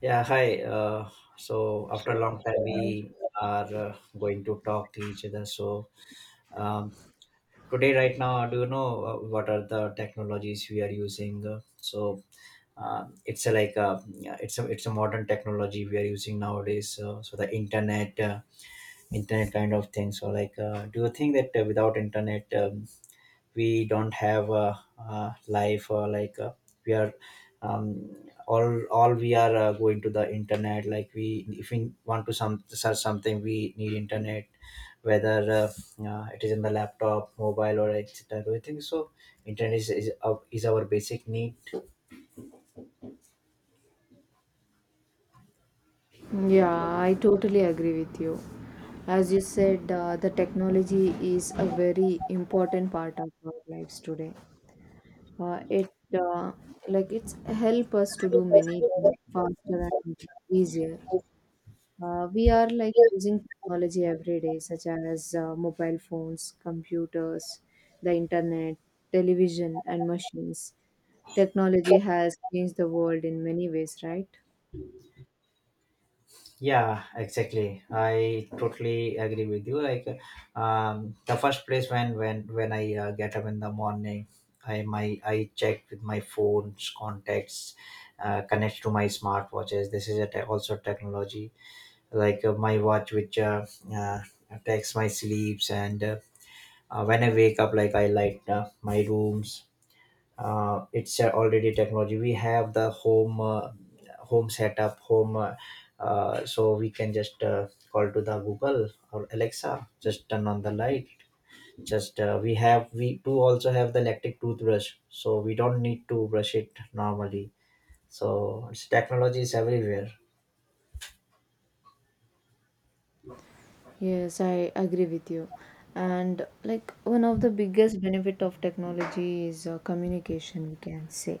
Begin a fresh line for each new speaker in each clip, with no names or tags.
Yeah, hi. So after a
So
long time, we are going to talk to each other. So, um, today, right now, do you know what are the technologies we are using? So it's a, like a, yeah, it's a modern technology we are using nowadays. So the internet kind of thing. So, like, do you think that without internet? We don't have a life, or like we are, um, all we are going to the internet, like, we, if we want to some search something, we need internet, whether it is in the laptop, mobile, or etc., everything. So internet is our basic need.
Yeah, I totally agree with you. As you said, the technology is a very important part of our lives today. It uh, like it's help us to do many things faster and easier. We are like using technology every day, such as mobile phones, computers, the internet, television, and machines. Technology has changed the world in many ways, right?
Yeah, exactly, I totally agree with you. Like, the first place, when I get up in the morning, I check with my phone's contacts. Connect to my smartwatches. This is also technology. Like, my watch, which uh, affects my sleeps. And when I wake up, like, I light my rooms. It's already technology. We have the home home setup home so we can just call to the Google or Alexa, just turn on the light. Just we do also have the electric toothbrush, so we don't need to brush it normally. So, technology is everywhere.
Yes, I agree with you. And like one of the biggest benefit of technology is communication, we can say.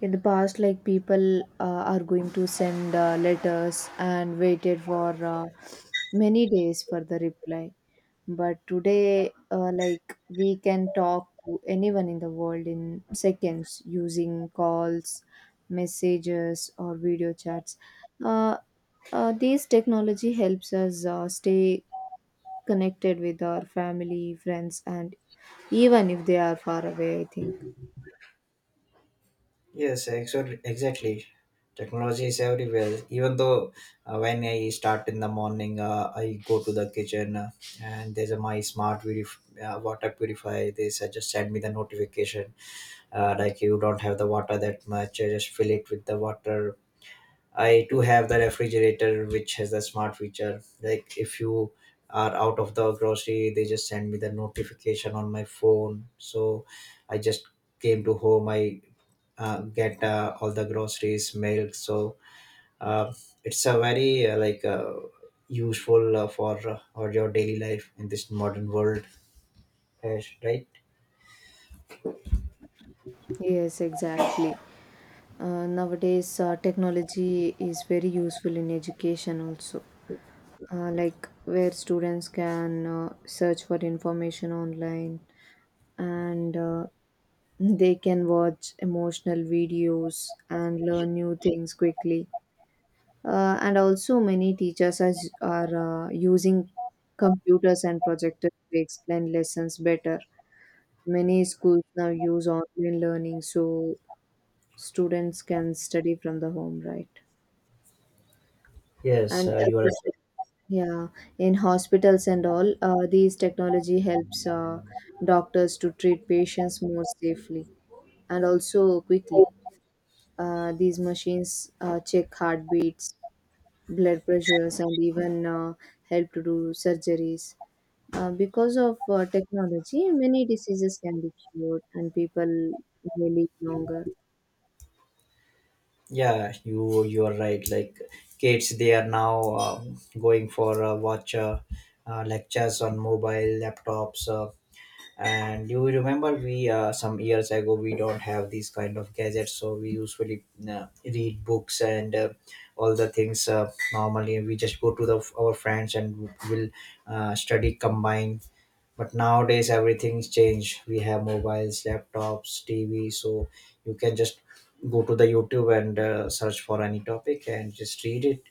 In the past, like people are going to send letters and waited for many days for the reply. But today, like we can talk to anyone in the world in seconds using calls, messages, or video chats. Uh, these technology helps us stay connected with our family, friends, and even if they are far away, I think.
Yes, exactly. Exactly. Technology is everywhere. Even though when I start in the morning, I go to the kitchen and there's a my smart purif- water purifier. They just send me the notification, like, you don't have the water that much. I just fill it with the water. I do have the refrigerator which has the smart feature. Like, if you are out of the grocery, they just send me the notification on my phone. So I just came to home. I get all the groceries, milk. So uh, it's a very, like, useful, for for your daily life in this modern world, right?
Yes, exactly. Nowadays, technology is very useful in education also. Like where students can search for information online, and they can watch emotional videos and learn new things quickly. And also, many teachers are using computers and projectors to explain lessons better. Many schools now use online learning so students can study from the home, right?
Yes,
And as
you are
you
right.
said, yeah, in hospitals and all these technology helps doctors to treat patients more safely and also quickly. These machines check heartbeats, blood pressures, and even help to do surgeries. Because of technology, many diseases can be cured, and people may live longer.
Yeah, you are right. Like, kids, they are now going for watch lectures on mobile laptops. And you remember, we some years ago we don't have these kind of gadgets, so we usually read books, and all the things, normally we just go to the our friends and will study combined. But nowadays everything's changed, we have mobiles, laptops, TV. So you can just go to the YouTube and search for any topic and just read it.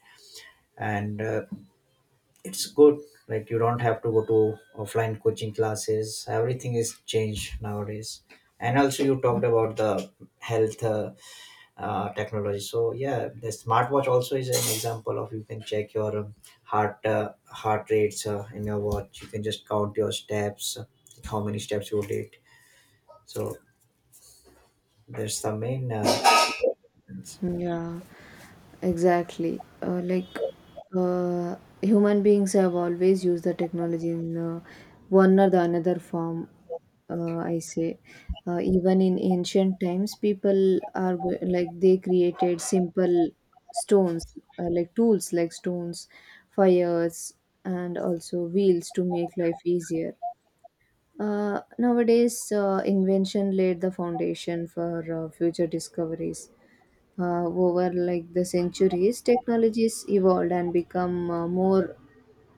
And it's good. Like, you don't have to go to offline coaching classes. Everything is changed nowadays. And also you talked about the health, technology. So yeah, the smartwatch also is an example of you can check your, heart rates in your watch. You can just count your steps, how many steps you did. So there's the main,
Yeah, exactly. Uh, Human beings have always used the technology in one or the another form. I say, even in ancient times, people like they created simple stones, like tools, like stones, fires, and also wheels to make life easier. Nowadays, invention laid the foundation for future discoveries. Over like the centuries, technologies evolved and become more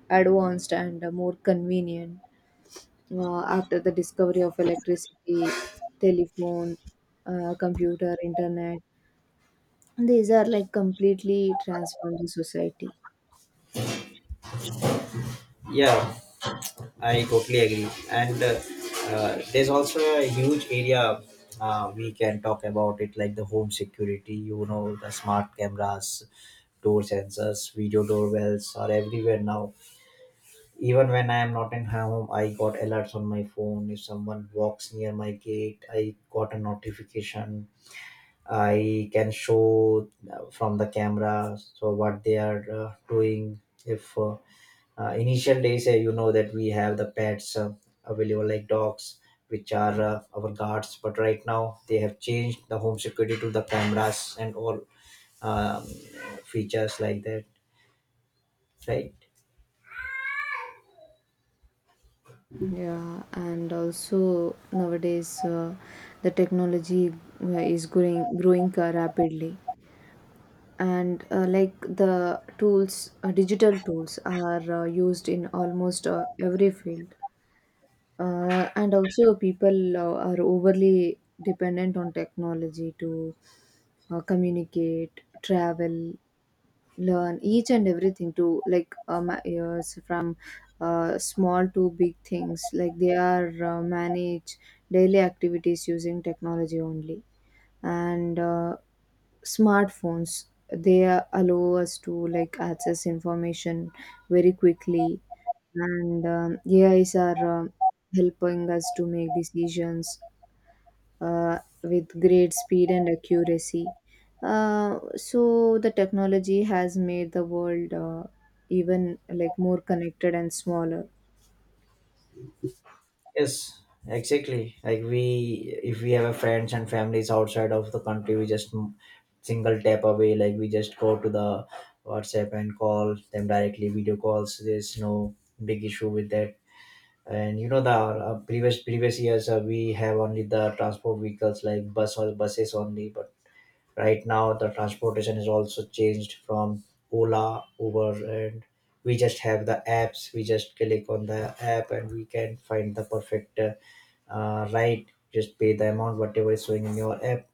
advanced and more convenient after the discovery of electricity, telephone, computer, internet. These are like completely transformed the society.
yeah, I totally agree. And there's also a huge area we can talk about it, like the home security, the smart cameras, door sensors, video doorbells are everywhere now. Even when I am not in home, I got alerts on my phone. If someone walks near my gate, I got a notification. I can show, from the camera, so what they are doing. If initial days, you know that we have the pets available, like dogs which are our guards. But right now they have changed the home security to the cameras and all, um, features like that, right?
Yeah, and also nowadays the technology uh, is growing rapidly. And like the tools digital tools are used in almost every field. And also, people are overly dependent on technology to communicate, travel, learn each and everything, to like years from small to big things, like they are manage daily activities using technology only. And smartphones, they allow us to like access information very quickly. And AIs are helping us to make decisions with great speed and accuracy. So the technology has made the world even like more connected and smaller.
Yes, exactly. Like, we, if we have a friends and families outside of the country, we just single tap away. Like, we just go to the WhatsApp and call them directly, video calls, there's no big issue with that. And you know the previous years, we have only the transport vehicles like bus or buses only. But right now the transportation is also changed from Ola, Uber. And we just have the apps, we just click on the app and we can find the perfect, right, just pay the amount whatever is showing in your app,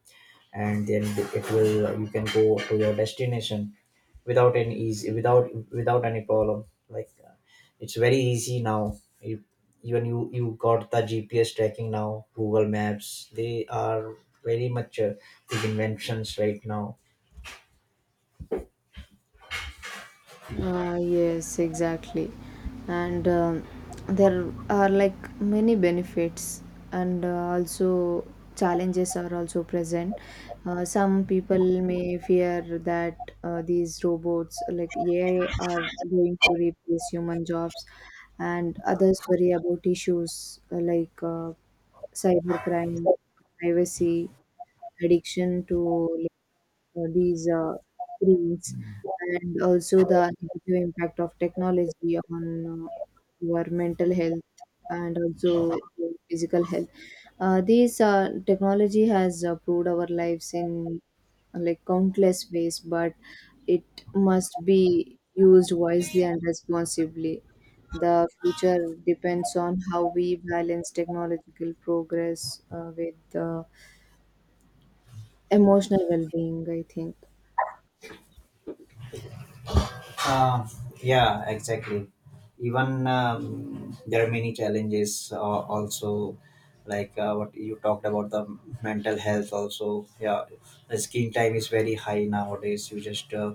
and then it will you can go to your destination without any easy without without any problem. Like, it's very easy now, even you got the GPS tracking now. Google Maps, they are very much, big inventions right now.
Yes, exactly. And there are like many benefits, and also challenges are also present. Some people may fear that these robots like AI are going to replace human jobs, and others worry about issues like cybercrime, privacy, addiction to these screens, and also the negative impact of technology on our mental health and also physical health. These technology has improved our lives in like countless ways, but it must be used wisely and responsibly. The future depends on how we balance technological progress with emotional well-being, I think.
Uh, yeah, exactly. Even, there are many challenges, also, like, what you talked about, the mental health also, yeah. The screen time is very high nowadays. You just uh,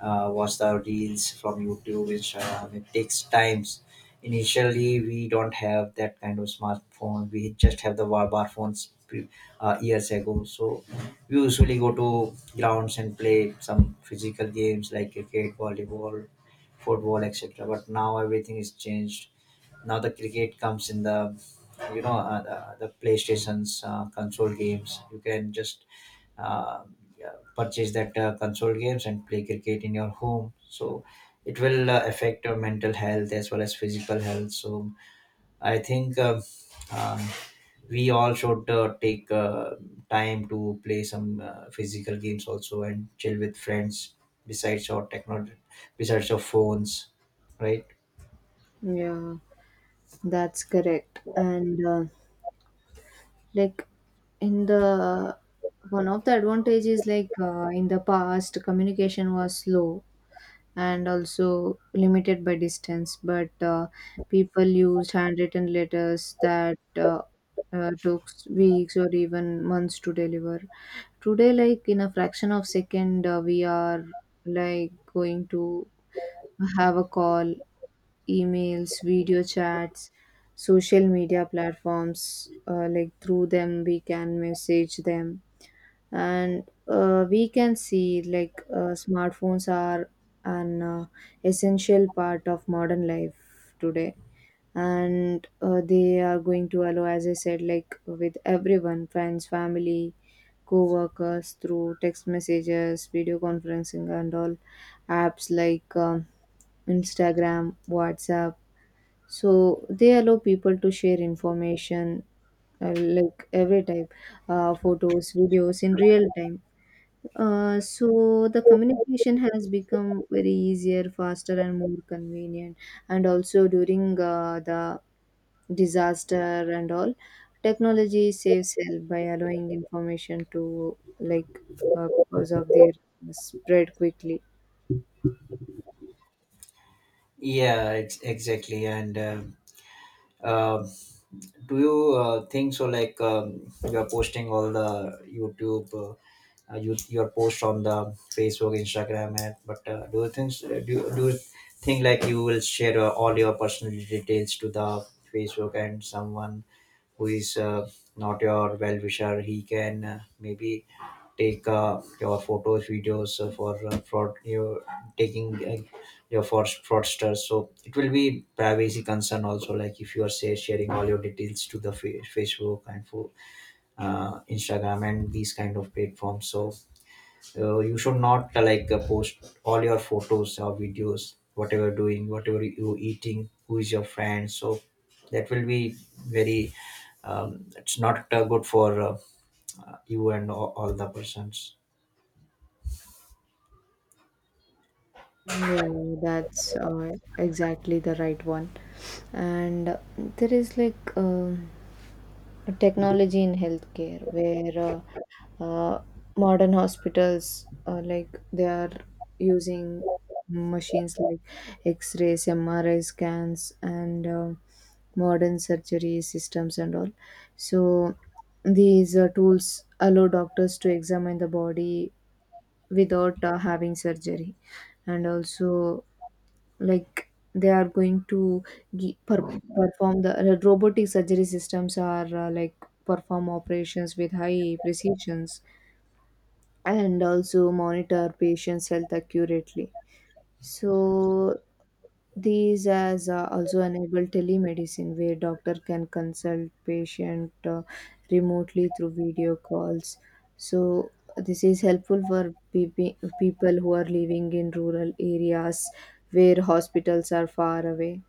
uh, watch the reels from YouTube, Instagram. It takes times. Initially, we don't have that kind of smartphone. We just have the bar phones, years ago. So we usually go to grounds and play some physical games like cricket, volleyball, football, etc. But now everything is changed. Now the cricket comes in the PlayStation's console games. You can just, uh, yeah, purchase that console games and play cricket in your home, so it will affect your mental health as well as physical health. So I think, um, we all should take time to play some physical games also, and chill with friends, besides your technology, besides your phones, right?
Yeah, that's correct. And like in the one of the advantages, like in the past, communication was slow and also limited by distance, but people used handwritten letters that took weeks or even months to deliver. Today, like in a fraction of second, we are like going to have a call, emails, video chats, social media platforms. Like through them, we can message them, and we can see like smartphones are an essential part of modern life today. And they are going to allow, as I said, like with everyone, friends, family, co-workers, through text messages, video conferencing, and all apps like Instagram, WhatsApp. So they allow people to share information, like every type, photos, videos in real time. So the communication has become very easier, faster, and more convenient. And also during the disaster and all, technology saves help by allowing information to like because of their spread quickly.
Yeah, exactly. And uh, do you think so, like, you are posting all the YouTube, your post on the Facebook, Instagram, and, but do you think like you will share all your personal details to the Facebook, and someone who is not your well wisher, he can maybe take your photos, videos, for fraud, your taking your fraud, fraudsters. So it will be privacy concern also. Like, if you are say sharing all your details to the Facebook and for, Instagram and these kind of platforms. So you should not, like, post all your photos or videos, whatever you're doing, whatever you eating, who is your friend. So that will be very, it's not good for you and all the persons.
Yeah, that's exactly the right one. And there is like a technology in healthcare where uh, uh, modern hospitals like they are using machines like X-rays, MRI scans, and modern surgery systems and all. So these tools allow doctors to examine the body without having surgery, and also like they are going to gi- per- perform the robotic surgery systems are like perform operations with high precisions and also monitor patients health accurately. So these as also enable telemedicine where doctor can consult patient remotely through video calls. So this is helpful for people who are living in rural areas where hospitals are far away.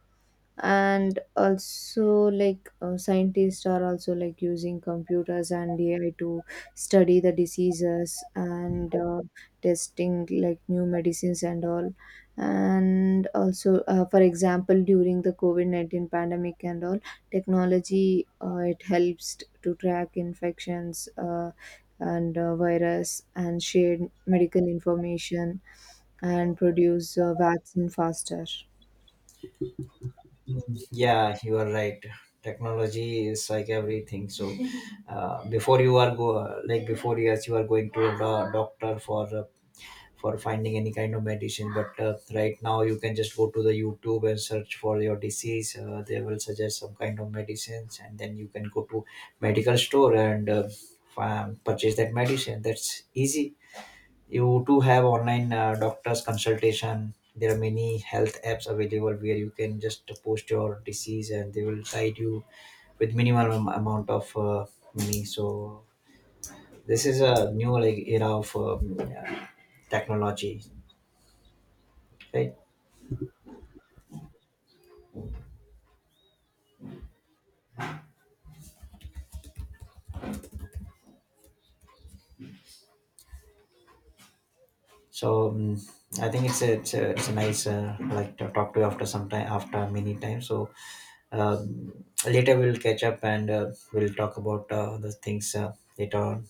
And also like scientists are also like using computers and AI to study the diseases and testing like new medicines and all. And also for example, during the COVID-19 pandemic and all, technology, it helps to track infections and virus, and share medical information and produce vaccine faster.
Mm, yeah, you are right. Technology is like everything. So before you are go like before years, you are going to the doctor for for finding any kind of medicine. But right now you can just go to the YouTube and search for your disease. They will suggest some kind of medicines, and then you can go to medical store and purchase that medicine. That's easy. You too have online doctors consultation. There are many health apps available where you can just post your disease and they will guide you with minimal amount of money. So this is a new, like, era of, technology, right? So I think it's a nice, like, to talk to you after some time, after many times. So later we'll catch up and we'll talk about the things later on.